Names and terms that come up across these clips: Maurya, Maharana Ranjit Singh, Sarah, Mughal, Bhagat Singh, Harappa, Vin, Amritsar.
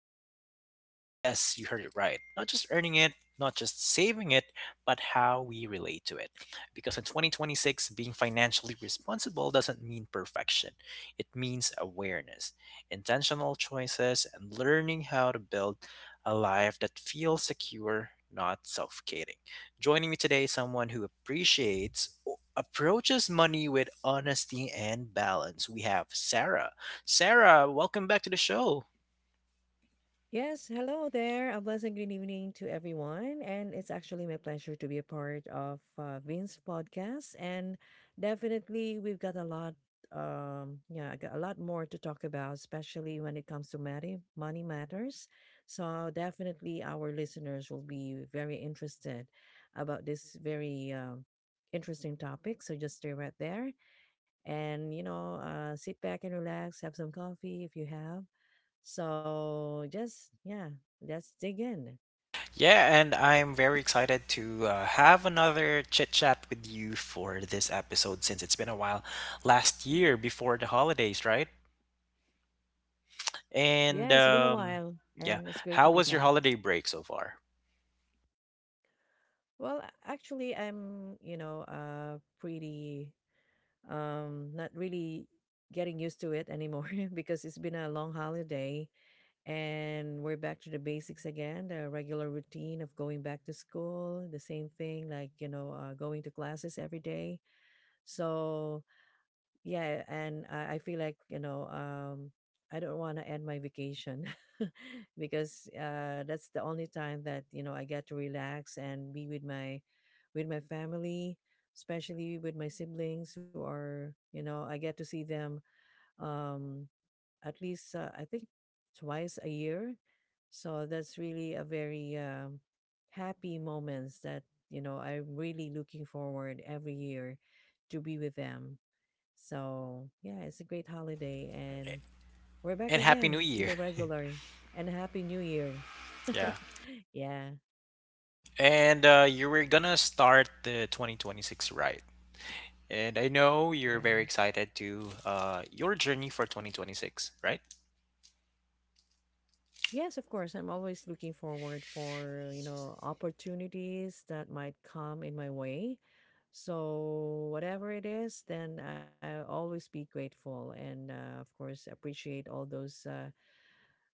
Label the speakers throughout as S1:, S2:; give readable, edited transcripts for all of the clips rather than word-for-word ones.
S1: money. Yes, you heard it right. Not just earning it, not just saving it, but how we relate to it. Because in 2026, being financially responsible doesn't mean perfection, it means awareness, intentional choices, and learning how to build a life that feels secure, not suffocating. Joining me today is someone who appreciates approaches money with honesty and balance. We have Sarah. Sarah, welcome back to the show.
S2: Yes, hello there. A blessed good evening to everyone. And it's actually my pleasure to be a part of Vin's podcast. And definitely, we've got a lot, yeah, I got a lot more to talk about, especially when it comes to money matters. So definitely, our listeners will be very interested about this very interesting topic. So just stay right there, and sit back and relax, have some coffee if you have so just yeah, just dig in.
S1: Yeah, and I'm very excited to have another chit chat with you for this episode since it's been a while. Last year before the holidays, right? And
S2: Yeah, it's been a while
S1: yeah,
S2: and it's great to
S1: how
S2: be
S1: was your
S2: back.
S1: holiday break so far?
S2: Well, actually I'm pretty not really getting used to it anymore because it's been a long holiday, and we're back to the basics again, the regular routine of going back to school, the same thing like, going to classes every day. So yeah, and I feel like I don't want to end my vacation because that's the only time that you know I get to relax and be with my family, especially with my siblings who are, you know, I get to see them, um at least I think, twice a year. So that's really a very happy moments that you know I'm really looking forward every year to be with them. So, yeah, it's a great holiday. And we're back
S1: And happy New
S2: again to
S1: Year.
S2: the regular. And Happy New Year.
S1: Yeah.
S2: Yeah.
S1: And you were gonna start the 2026, right. And I know you're
S2: Yeah.
S1: very excited to your journey for 2026, right?
S2: Yes, of course. I'm always looking forward for, you know, opportunities that might come in my way. So, whatever it is, then I'll always be grateful and, of course, appreciate all those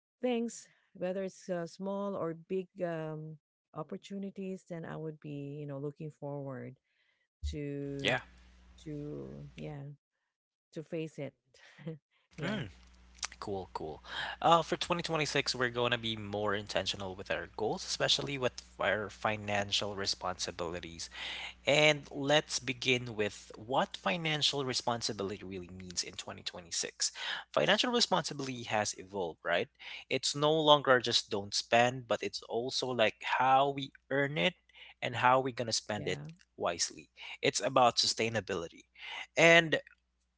S2: things, whether it's small or big, opportunities, then I would be, you know, looking forward to
S1: Yeah.
S2: to yeah to face it. Yeah.
S1: Mm, cool, cool. For 2026, we're going to be more intentional with our goals, especially with our financial responsibilities. And let's begin with what financial responsibility really means in 2026. Financial responsibility has evolved, right? It's no longer just don't spend, but it's also like how we earn it and how we're going to spend it
S2: Yeah.
S1: wisely. It's about sustainability. And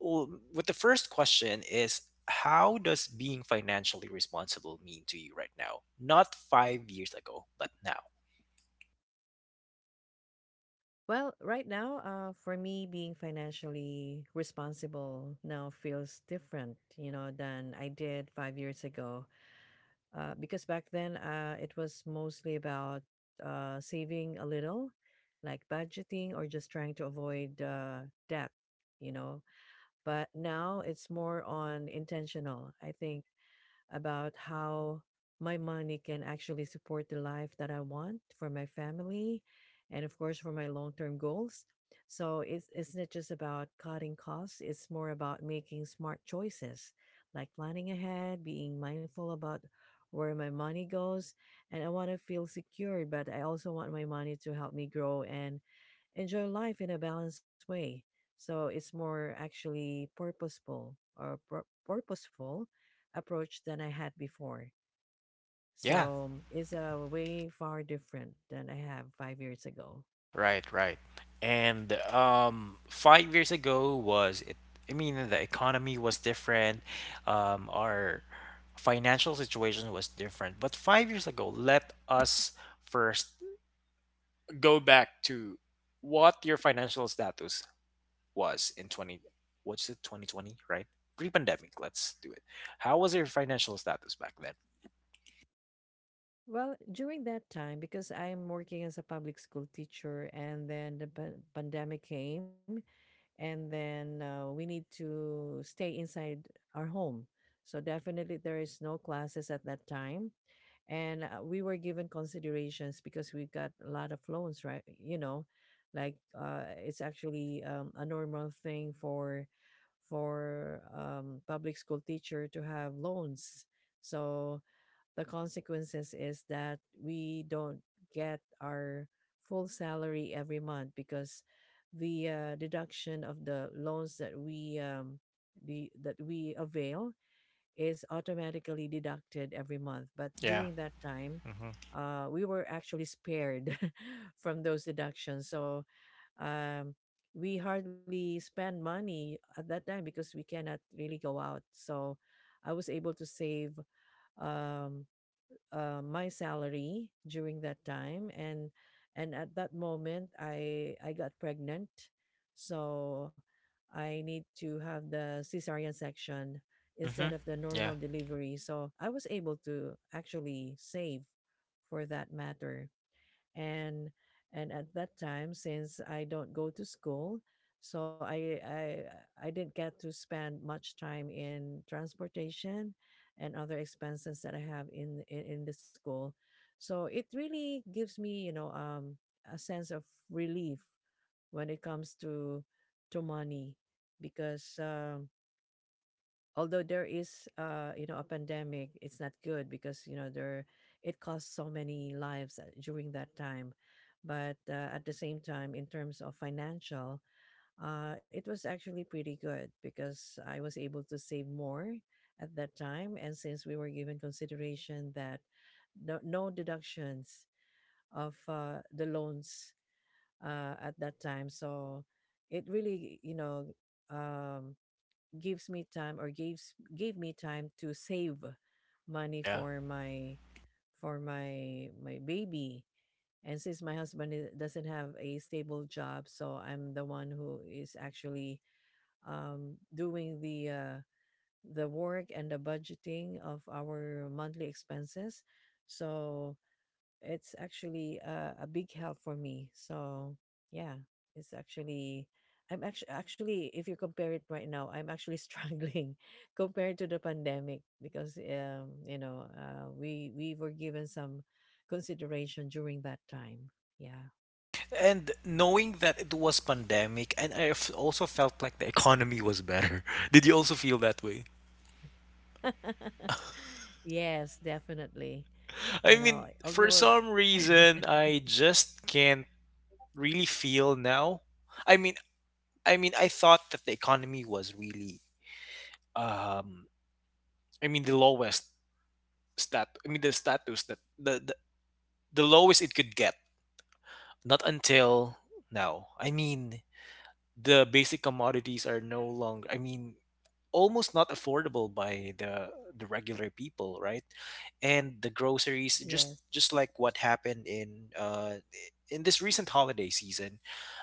S1: with the first question is, how does being financially responsible mean to you right now? Not 5 years ago, but now.
S2: Well, right now, for me, being financially responsible now feels different, you know, than I did 5 years ago. Because back then, it was mostly about saving a little, like budgeting, or just trying to avoid debt, you know. But now it's more on intentional, I think, about how my money can actually support the life that I want for my family, and of course for my long-term goals. So it's not just about cutting costs, it's more about making smart choices, like planning ahead, being mindful about where my money goes. And I want to feel secure, but I also want my money to help me grow and enjoy life in a balanced way. So it's more actually purposeful, or purposeful approach than I had before.
S1: Yeah.
S2: So it's a way far different than I have 5 years ago.
S1: Right, right. And 5 years ago, was it, I mean, the economy was different. Our financial situation was different. But 5 years ago, let us first go back to what your financial status was in 20, what's it, 2020, right? Pre-pandemic, let's do it. How was your financial status back then?
S2: Well, during that time, because I'm working as a public school teacher, and then the pandemic came, and then we need to stay inside our home. So definitely there is no classes at that time. And we were given considerations because we've got a lot of loans, right, you know, like, it's actually, a normal thing for public school teacher to have loans. So the consequences is that we don't get our full salary every month because the deduction of the loans that we the that we avail is automatically deducted every month. But
S1: Yeah.
S2: during that time,
S1: Hmm.
S2: we were actually spared from those deductions. So, um, we hardly spend money at that time because we cannot really go out. So I was able to save, um, my salary during that time. And at that moment, I got pregnant, so I need to have the cesarean section
S1: Mm-hmm.
S2: instead of the
S1: Yeah.
S2: normal delivery, so I was able to actually save for that matter. and and at that time, since I don't go to school, so I didn't get to spend much time in transportation and other expenses that I have in the school. So it really gives me, you know, a sense of relief when it comes to money, because although there is you know a pandemic, it's not good because you know there it cost so many lives during that time. But at the same time, in terms of financial, it was actually pretty good because I was able to save more at that time. And since we were given consideration that no, no deductions of the loans at that time, so it really, you know, um, gives me time or gives gave me time to save money
S1: Yeah.
S2: for my baby. And since my husband doesn't have a stable job, so I'm the one who is actually, doing the work and the budgeting of our monthly expenses. So it's actually a big help for me. So yeah, it's actually, I'm actually, if you compare it right now, I'm actually struggling compared to the pandemic, because you know we were given some consideration during that time. Yeah.
S1: And knowing that it was pandemic, and I also felt like the economy was better. Did you also feel that way?
S2: Yes, definitely. You
S1: I
S2: know,
S1: mean, for
S2: although
S1: some reason, I just can't really feel now. I mean, I mean, I thought that the economy was really, um, I mean, the lowest stat. I mean, the status that the lowest it could get. Not until now. I mean, the basic commodities are no longer. I mean, almost not affordable by the regular people, right? And the groceries,
S2: yes.
S1: just like what happened in this recent holiday season.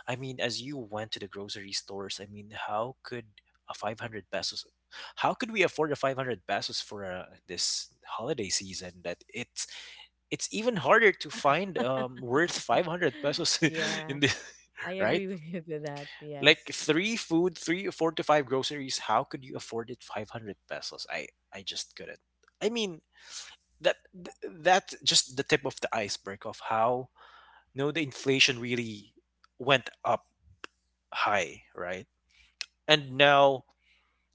S1: I mean, as you went to the grocery stores, I mean, how could a 500 pesos, how could we afford a 500 pesos for this holiday season, that it's even harder to find worth 500 pesos,
S2: Yeah,
S1: in the
S2: I agree
S1: right,
S2: with you to that. Yes.
S1: like three food, three, four to five groceries. How could you afford it? 500 pesos. I just couldn't. I mean, that that's just the tip of the iceberg of how, no, the inflation really went up high, right? And now,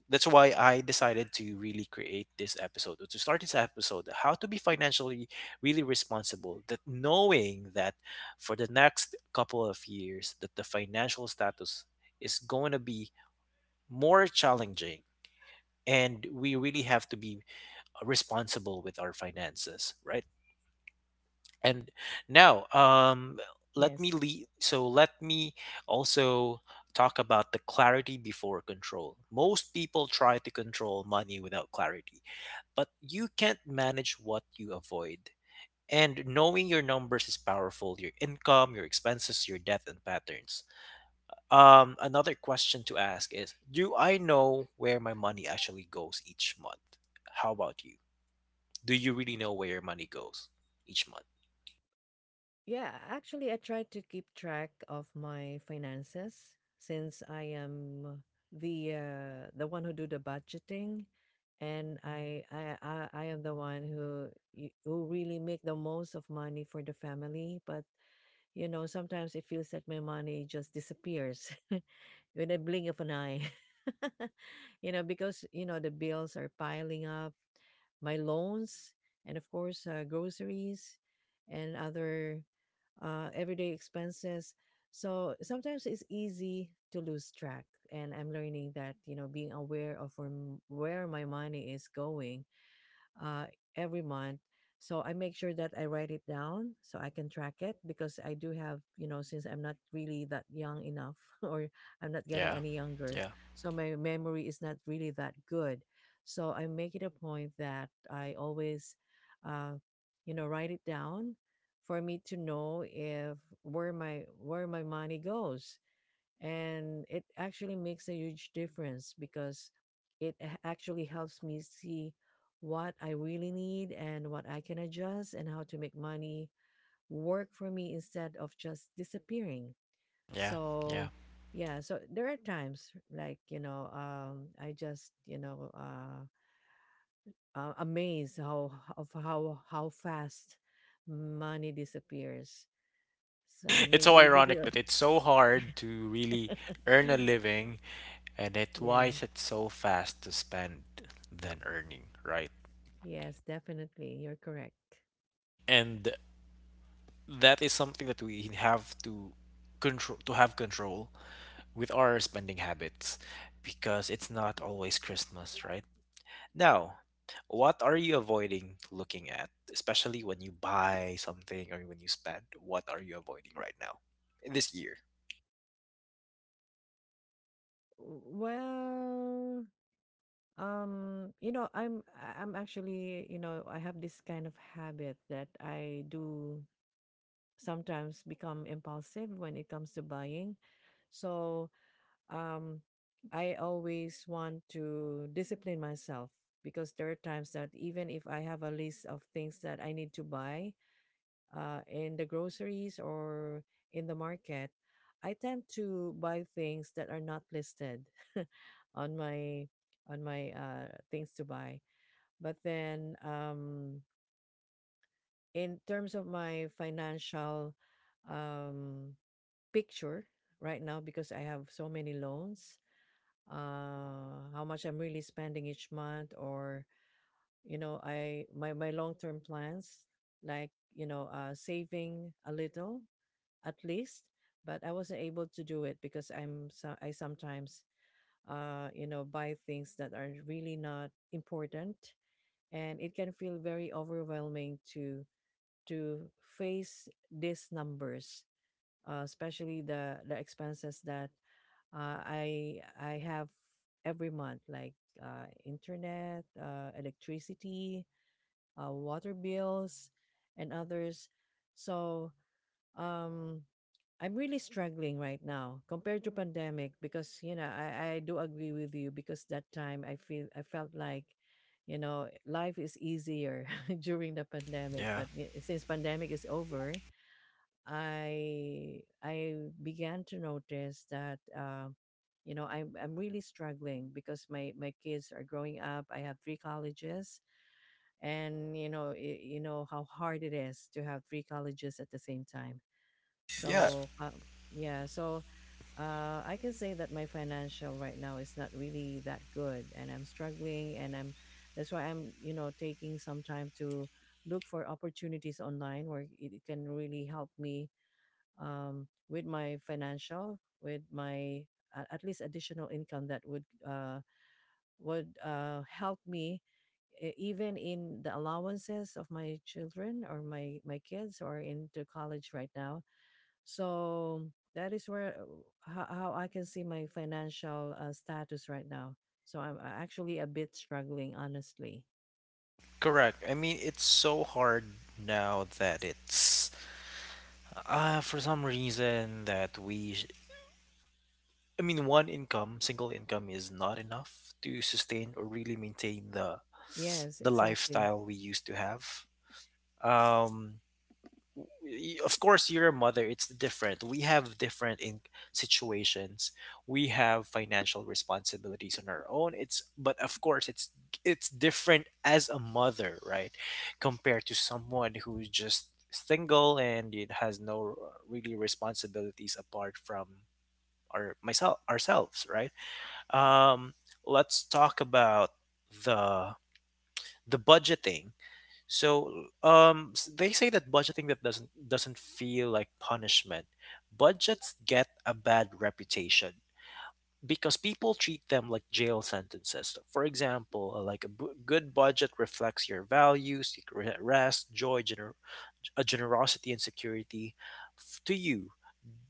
S1: that's why I decided to really create this episode, or to start this episode, how to be financially really responsible, that knowing that for the next couple of years that the financial status is going to be more challenging and we really have to be responsible with our finances, right? And now,
S2: Yes.
S1: let me lead, so let me also talk about the clarity before control. Most people try to control money without clarity, but you can't manage what you avoid, and knowing your numbers is powerful: your income, your expenses, your debt, and patterns. Another question to ask is, do I know where my money actually goes each month? How about you? Do you really know where your money goes each month?
S2: Yeah, actually, I try to keep track of my finances since I am the, the one who do the budgeting, and I am the one who who really make the most of money for the family. But you know, sometimes it feels like my money just disappears with a blink of an eye. You know, because you know the bills are piling up, my loans, and of course groceries and other everyday expenses. So sometimes it's easy to lose track. And I'm learning that, you know, being aware of where, where my money is going uh, every month. So I make sure that I write it down so I can track it, because I do have, you know, since I'm not really that young enough or I'm not getting
S1: Yeah,
S2: any younger.
S1: yeah,
S2: So my memory is not really that good. So I make it a point that I always, uh, write it down for me to know if where my where my money goes. And it actually makes a huge difference because it actually helps me see what I really need and what I can adjust and how to make money work for me instead of just disappearing.
S1: yeah, yeah.
S2: So, yeah, so there are times like, you know, I just, you know, amazed how how fast money disappears. So
S1: It's
S2: maybe
S1: so
S2: maybe
S1: ironic that it's so hard to really earn a living, and it's why
S2: yeah.
S1: it's so fast to spend than earning, right?
S2: Yes, definitely. You're correct.
S1: And that is something that we have to control, to have control with our spending habits, because it's not always Christmas, right? Now, what are you avoiding looking at, especially when you buy something or when you spend? What are you avoiding right now in this year?
S2: Well, you know, I'm actually, you know, I have this kind of habit that I do sometimes become impulsive when it comes to buying. So, um, I always want to discipline myself, because there are times that even if I have a list of things that I need to buy, in the groceries or in the market, I tend to buy things that are not listed on my things to buy. But then, in terms of my financial, um, picture right now, because I have so many loans, how much I'm really spending each month, or you know, I my long term plans, like you know, saving a little, at least. But I wasn't able to do it because I'm so I sometimes you know buy things that are really not important. And it can feel very overwhelming to face these numbers, especially the expenses that I have every month, like internet, electricity, water bills and others. So, um I'm really struggling right now compared to pandemic, because you know I do agree with you, because that time I feel I felt like, you know, life is easier during the pandemic.
S1: Yeah.
S2: But since pandemic is over, I began to notice that you know I'm really struggling, because my kids are growing up. I have three colleges, and you know you know how hard it is to have three colleges at the same time.
S1: Yeah,
S2: So yeah, so I can say that my financial right now is not really that good, and I'm struggling, and I'm that's why I'm, you know, taking some time to look for opportunities online where it can really help me, with my financial, with my, at least, additional income that would help me, even in the allowances of my children or my kids or into college right now. So that is where, how I can see my financial status right now. So I'm, actually a bit struggling, honestly.
S1: correct. I mean, it's so hard now that it's for some reason that we I mean, one income, single income, is not enough to sustain or really maintain the
S2: Yes,
S1: the
S2: exactly.
S1: lifestyle we used to have. Um of course you're a mother, it's different, we have different in situations, we have financial responsibilities on our own, it's but of course it's different as a mother, right, compared to someone who's just single and it has no really responsibilities apart from our myself, ourselves, right? Um let's talk about the the budgeting. So they say that budgeting that doesn't feel like punishment. Budgets get a bad reputation because people treat them like jail sentences. For example, like a good budget reflects your values, seek rest, joy, generosity, and security. To you,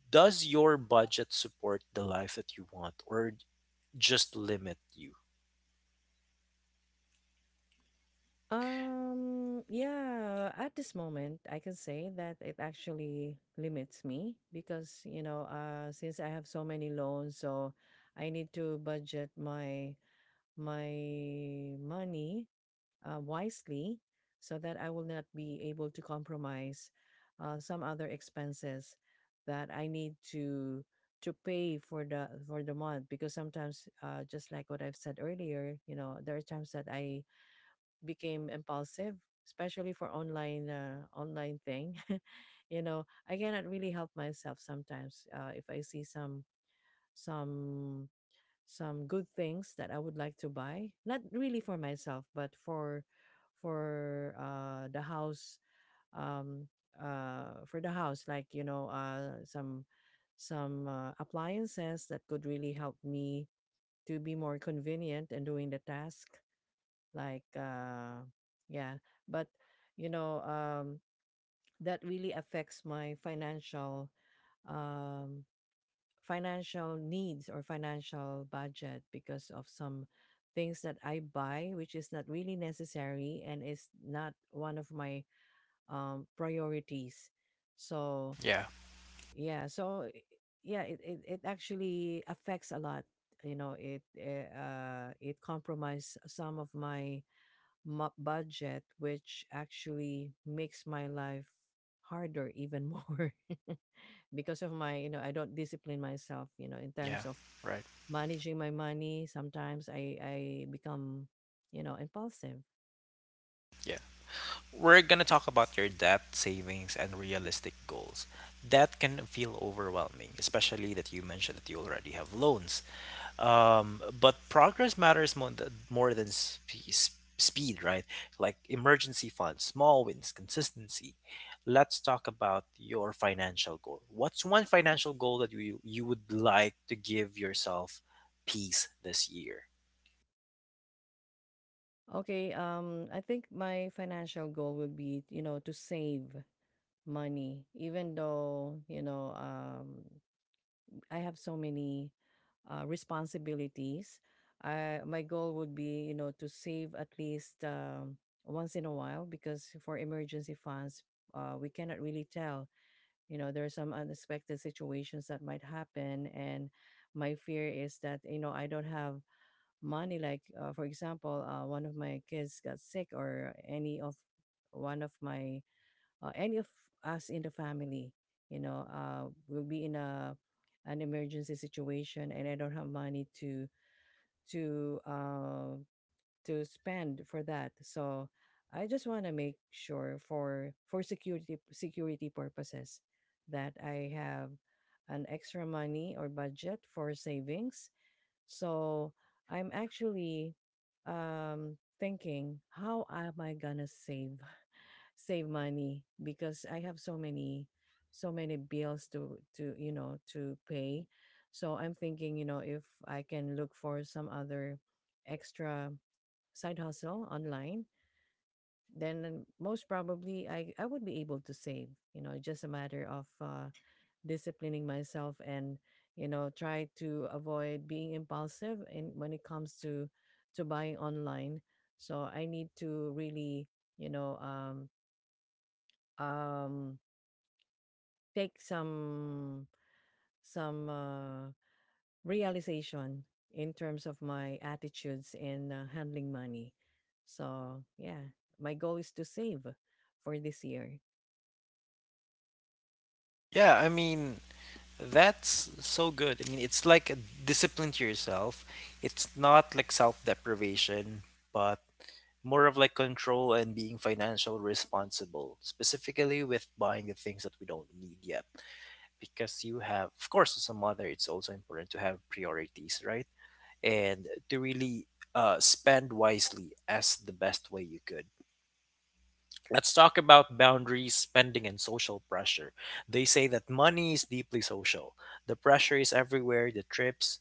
S1: does your budget support the life that you want, or just limit you?
S2: Yeah, at this moment, I can say that it actually limits me because, you know, since I have so many loans, so I need to budget my money wisely so that I will not be able to compromise some other expenses that I need to pay for the month because sometimes just like what I've said earlier, you know, there are times that I became impulsive, especially for online thing. I cannot really help myself sometimes if I see some some good things that I would like to buy. Not really for myself, but for the house. um for the house, like, some appliances that could really help me to be more convenient in doing the task, like, yeah. But, you know um that really affects my um financial needs or financial budget because of some things that I buy, which is not really necessary and is not one of my priorities. So, yeah, yeah, it actually affects a lot. You know, it compromised some of my budget, which actually makes my life harder even more. Because of my, you know, I don't discipline myself, you know, in
S1: Yeah,
S2: terms of
S1: right.
S2: managing my money. Sometimes I become, you know, impulsive.
S1: We're going to talk about your debt, savings, and realistic goals. That can feel overwhelming, especially that you mentioned that you already have loans. But progress matters more, more than speed, right? Like emergency funds, small wins, consistency. Let's talk about your financial goal. What's one financial goal that you would like to give yourself peace this year?
S2: Okay, I think my financial goal would be, you know, to save money even though, you know, I have so many responsibilities. I My goal would be, you know, to save at least, once in a while, because for emergency funds, we cannot really tell, you know, there are some unexpected situations that might happen, and my fear is that, you know, I don't have money, like, for example, one of my kids got sick or any of one of my any of us in the family, you know, will be in a an emergency situation, and I don't have money to to uh, to spend for that. So I just want to make sure for security purposes that I have an extra money or budget for savings. So I'm actually thinking how am I going to save. Save money, because I have so many bills to pay. So I'm thinking, you know, if I can look for some other extra side hustle online, then most probably I would be able to save. You know, just a matter of disciplining myself, and, you know, try to avoid being impulsive in when it comes to buying online. So I need to really, you know um um take some realization in terms of my attitudes in, handling money. So, yeah, my goal is to save for this year.
S1: Yeah, I mean, that's so good. I mean, it's like a discipline to yourself. It's not like self-deprivation, but more of like control and being financial responsible, specifically with buying the things that we don't need yet. Because you have, of course, as a mother, it's also important to have priorities, right? And to really spend wisely as the best way you could. Let's talk about boundaries, spending, and social pressure. They say that money is deeply social. The pressure is everywhere: the trips,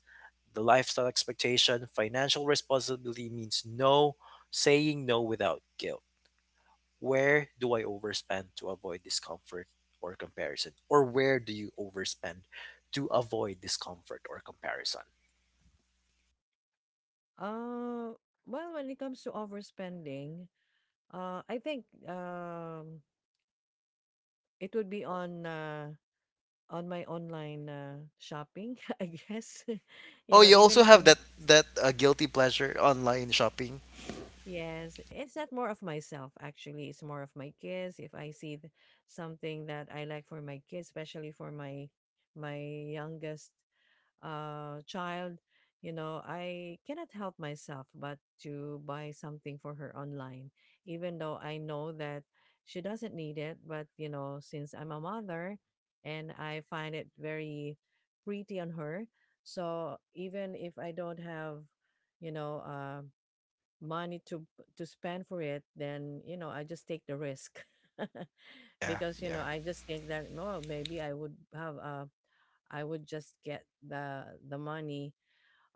S1: the lifestyle expectation. Financial responsibility means no, saying no without guilt. Where do I overspend to avoid discomfort or comparison? Or where do you overspend to avoid discomfort or comparison?
S2: Uh, well, when it comes to overspending, I think, it would be on, on my online shopping, I guess. You
S1: Oh,
S2: know,
S1: you
S2: even
S1: also
S2: if
S1: have
S2: I'm—
S1: that guilty pleasure, online shopping.
S2: Yes, it's not more of myself actually. It's more of my kids. If I see something that I like for my kids, especially for my my youngest child, you know, I cannot help myself but to buy something for her online, even though I know that she doesn't need it. But, you know, since I'm a mother, and I find it very pretty on her, so even if I don't have, you know, money to spend for it, then, you know, I just take the risk,
S1: Yeah,
S2: because, you know,
S1: yeah.
S2: I just think that, well, maybe I would have I would just get the money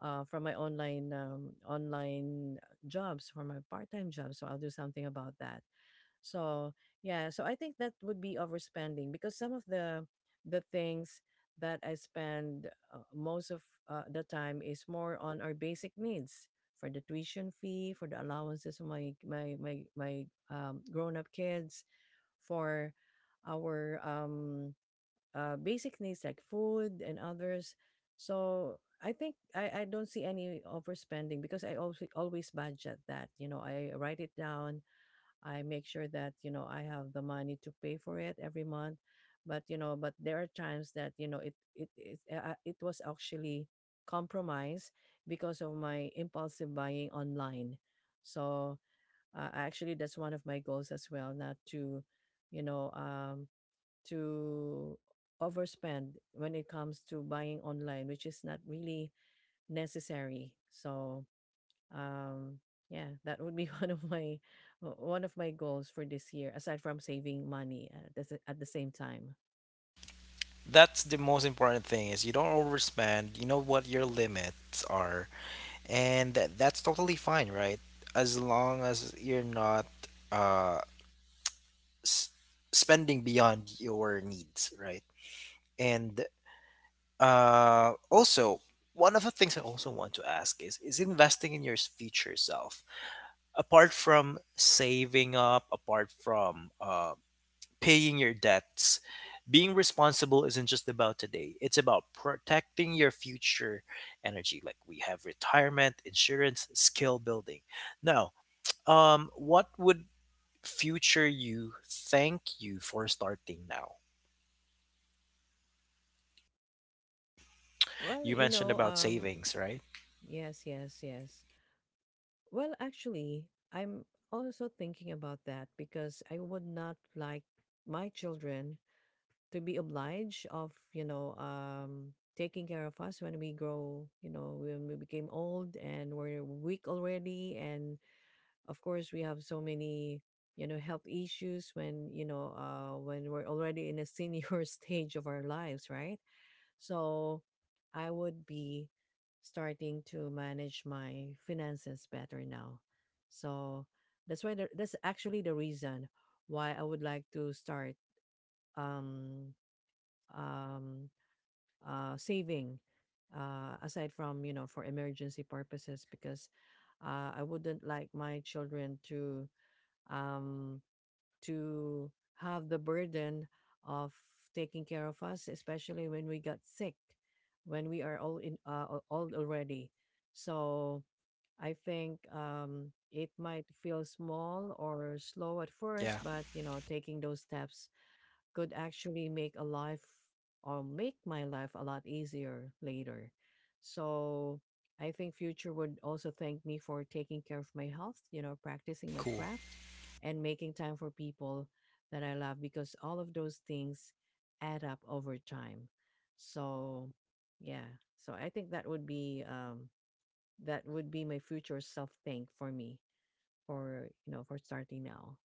S2: from my online jobs for my part time jobs, so I'll do something about that. So, yeah, so I think that would be overspending, because some of the things that I spend most of the time is more on our basic needs, for the tuition fee, for the allowances of my my my my grown up kids, for our basic needs like food and others. So I think I don't see any overspending, because I also always budget that. You know, I write it down, I make sure that, you know, I have the money to pay for it every month. But, you know, but there are times that, you know, it was actually compromised because of my impulsive buying online. So, actually, that's one of my goals as well, not to, you know, um, to overspend when it comes to buying online, which is not really necessary. So, um yeah, that would be one of my goals for this year, aside from saving money at at the same time.
S1: That's the most important thing, is you don't overspend. You know what your limits are, and that's totally fine, right? As long as you're not uh s- spending beyond your needs, right? And also, one of the things I also want to ask is investing in your future self. Apart from saving up, apart from paying your debts. Being responsible isn't just about today, it's about protecting your future energy. Like we have retirement, insurance, skill building. Now, what would future you thank you for starting now?
S2: well
S1: You
S2: you
S1: mentioned
S2: know
S1: about
S2: um
S1: savings, right?
S2: yes, yes, yes. Well, actually, I'm also thinking about that, because I would not like my children to be obliged of, you know, taking care of us when we grow, you know, when we became old and we're weak already, and of course, we have so many, you know, health issues when, you know, when we're already in a senior stage of our lives, right? So I would be starting to manage my finances better now. So that's actually the reason why I would like to start um um saving, aside from, you know, for emergency purposes, because, I wouldn't like my children um, to have the burden of taking care of us, especially when we got sick, when we are all in, old already. So I think, it might feel small or slow at first,
S1: Yeah,
S2: but, you know, taking those steps could actually make a life or make my life a lot easier later. So I think future would also thank me for taking care of my health, you know, practicing my
S1: cool.
S2: craft, and making time for people that I love, because all of those things add up over time. So, yeah. So I think that would be my future self thank for me for, you know, for starting now.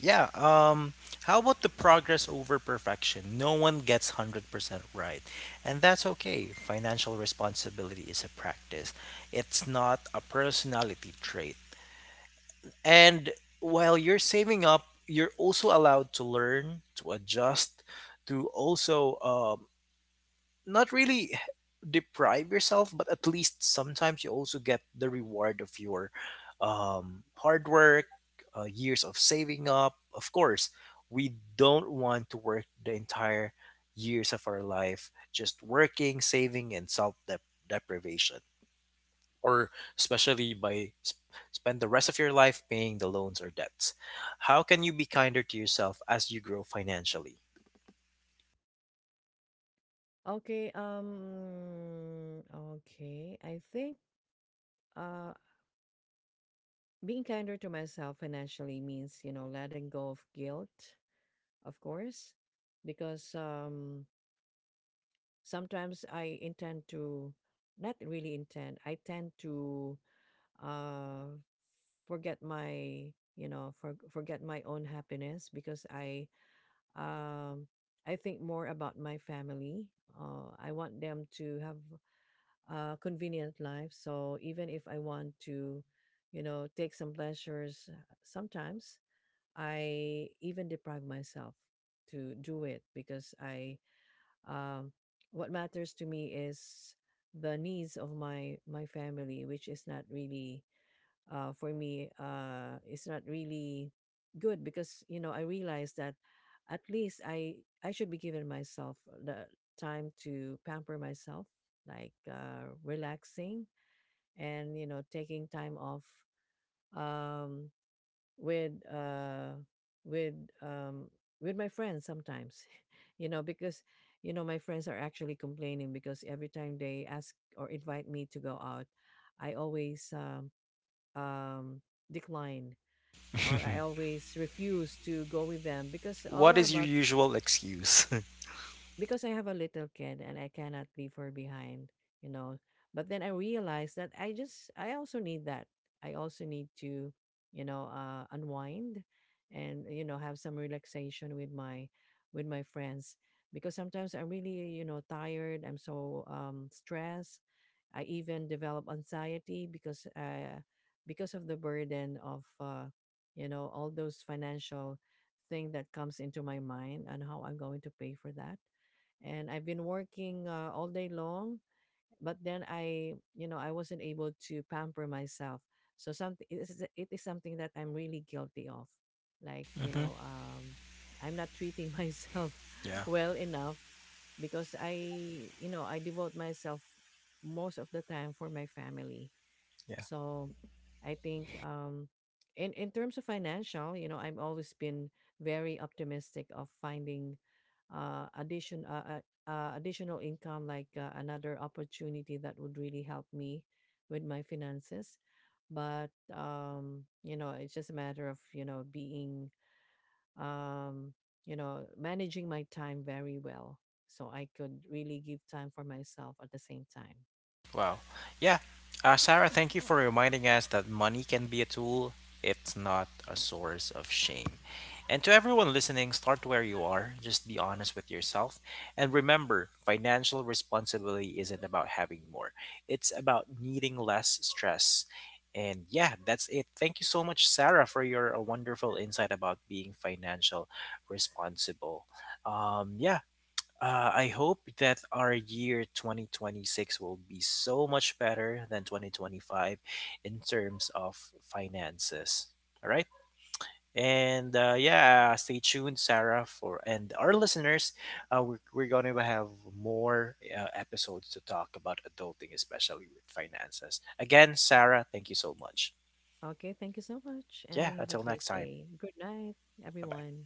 S1: Yeah. How about the progress over perfection? No one gets 100% right. And that's okay. Financial responsibility is a practice, it's not a personality trait. And while you're saving up, you're also allowed to learn, to adjust, to also, not really deprive yourself, but at least sometimes you also get the reward of your, hard work, years of saving up. Of course, we don't want to work the entire years of our life just working, saving, and self deprivation, or especially by spend the rest of your life paying the loans or debts. How can you be kinder to yourself as you grow financially?
S2: Okay, okay. I think uh being kinder to myself financially means, you know, letting go of guilt, of course, because, sometimes I intend to— not really intend. I tend to uh forget my, you know, forget my own happiness because I, um I think more about my family. I want them to have convenient life. So even if I want to, you know, take some pleasures, sometimes I even deprive myself to do it, because um, what matters to me is the needs of my my family, which is not really, for me, is not really good, because, you know, I realized that at least I should be giving myself the time to pamper myself, like, relaxing and, you know, taking time off, um, with uh, with um, with my friends sometimes, you know, because, you know, my friends are actually complaining because every time they ask or invite me to go out, I always, um, decline, or I always refuse to go with them, because all
S1: What is your
S2: about—
S1: usual excuse?
S2: because I have a little kid and I cannot leave her behind, you know. But then I realized that I also need that. I also need to, you know, unwind and, you know, have some relaxation with my friends, because sometimes I'm really, you know, tired. I'm so, stressed. I even develop anxiety because, because of the burden of, you know, all those financial thing that comes into my mind and how I'm going to pay for that, and I've been working, all day long. But then you know, I wasn't able to pamper myself. So something it is something that I'm really guilty of. Like, you
S1: Hmm.
S2: know, I'm not treating myself
S1: Yeah.
S2: well enough because you know, I devote myself most of the time for my family.
S1: Yeah.
S2: So I think, in terms of financial, you know, I've always been very optimistic of finding additional income, like, another opportunity that would really help me with my finances. But, you know, it's just a matter of, you know, being, um you know, managing my time very well, so I could really give time for myself at the same time.
S1: Wow. Yeah. Sarah, thank you for reminding us that money can be a tool, it's not a source of shame. And to everyone listening, start where you are, just be honest with yourself. And remember, financial responsibility isn't about having more, it's about needing less stress. And yeah, that's it. Thank you so much, Sarah, for your wonderful insight about being financial responsible. Yeah, I hope that our year 2026 will be so much better than 2025 in terms of finances. All right. And yeah, stay tuned, Sarah, for and our listeners. We're going to have more episodes to talk about adulting, especially with finances. Again, Sarah, thank you so much.
S2: Okay, thank you so much, and I
S1: Yeah,
S2: have a
S1: until
S2: great
S1: next time.
S2: day. Good night,
S1: Bye bye.
S2: everyone.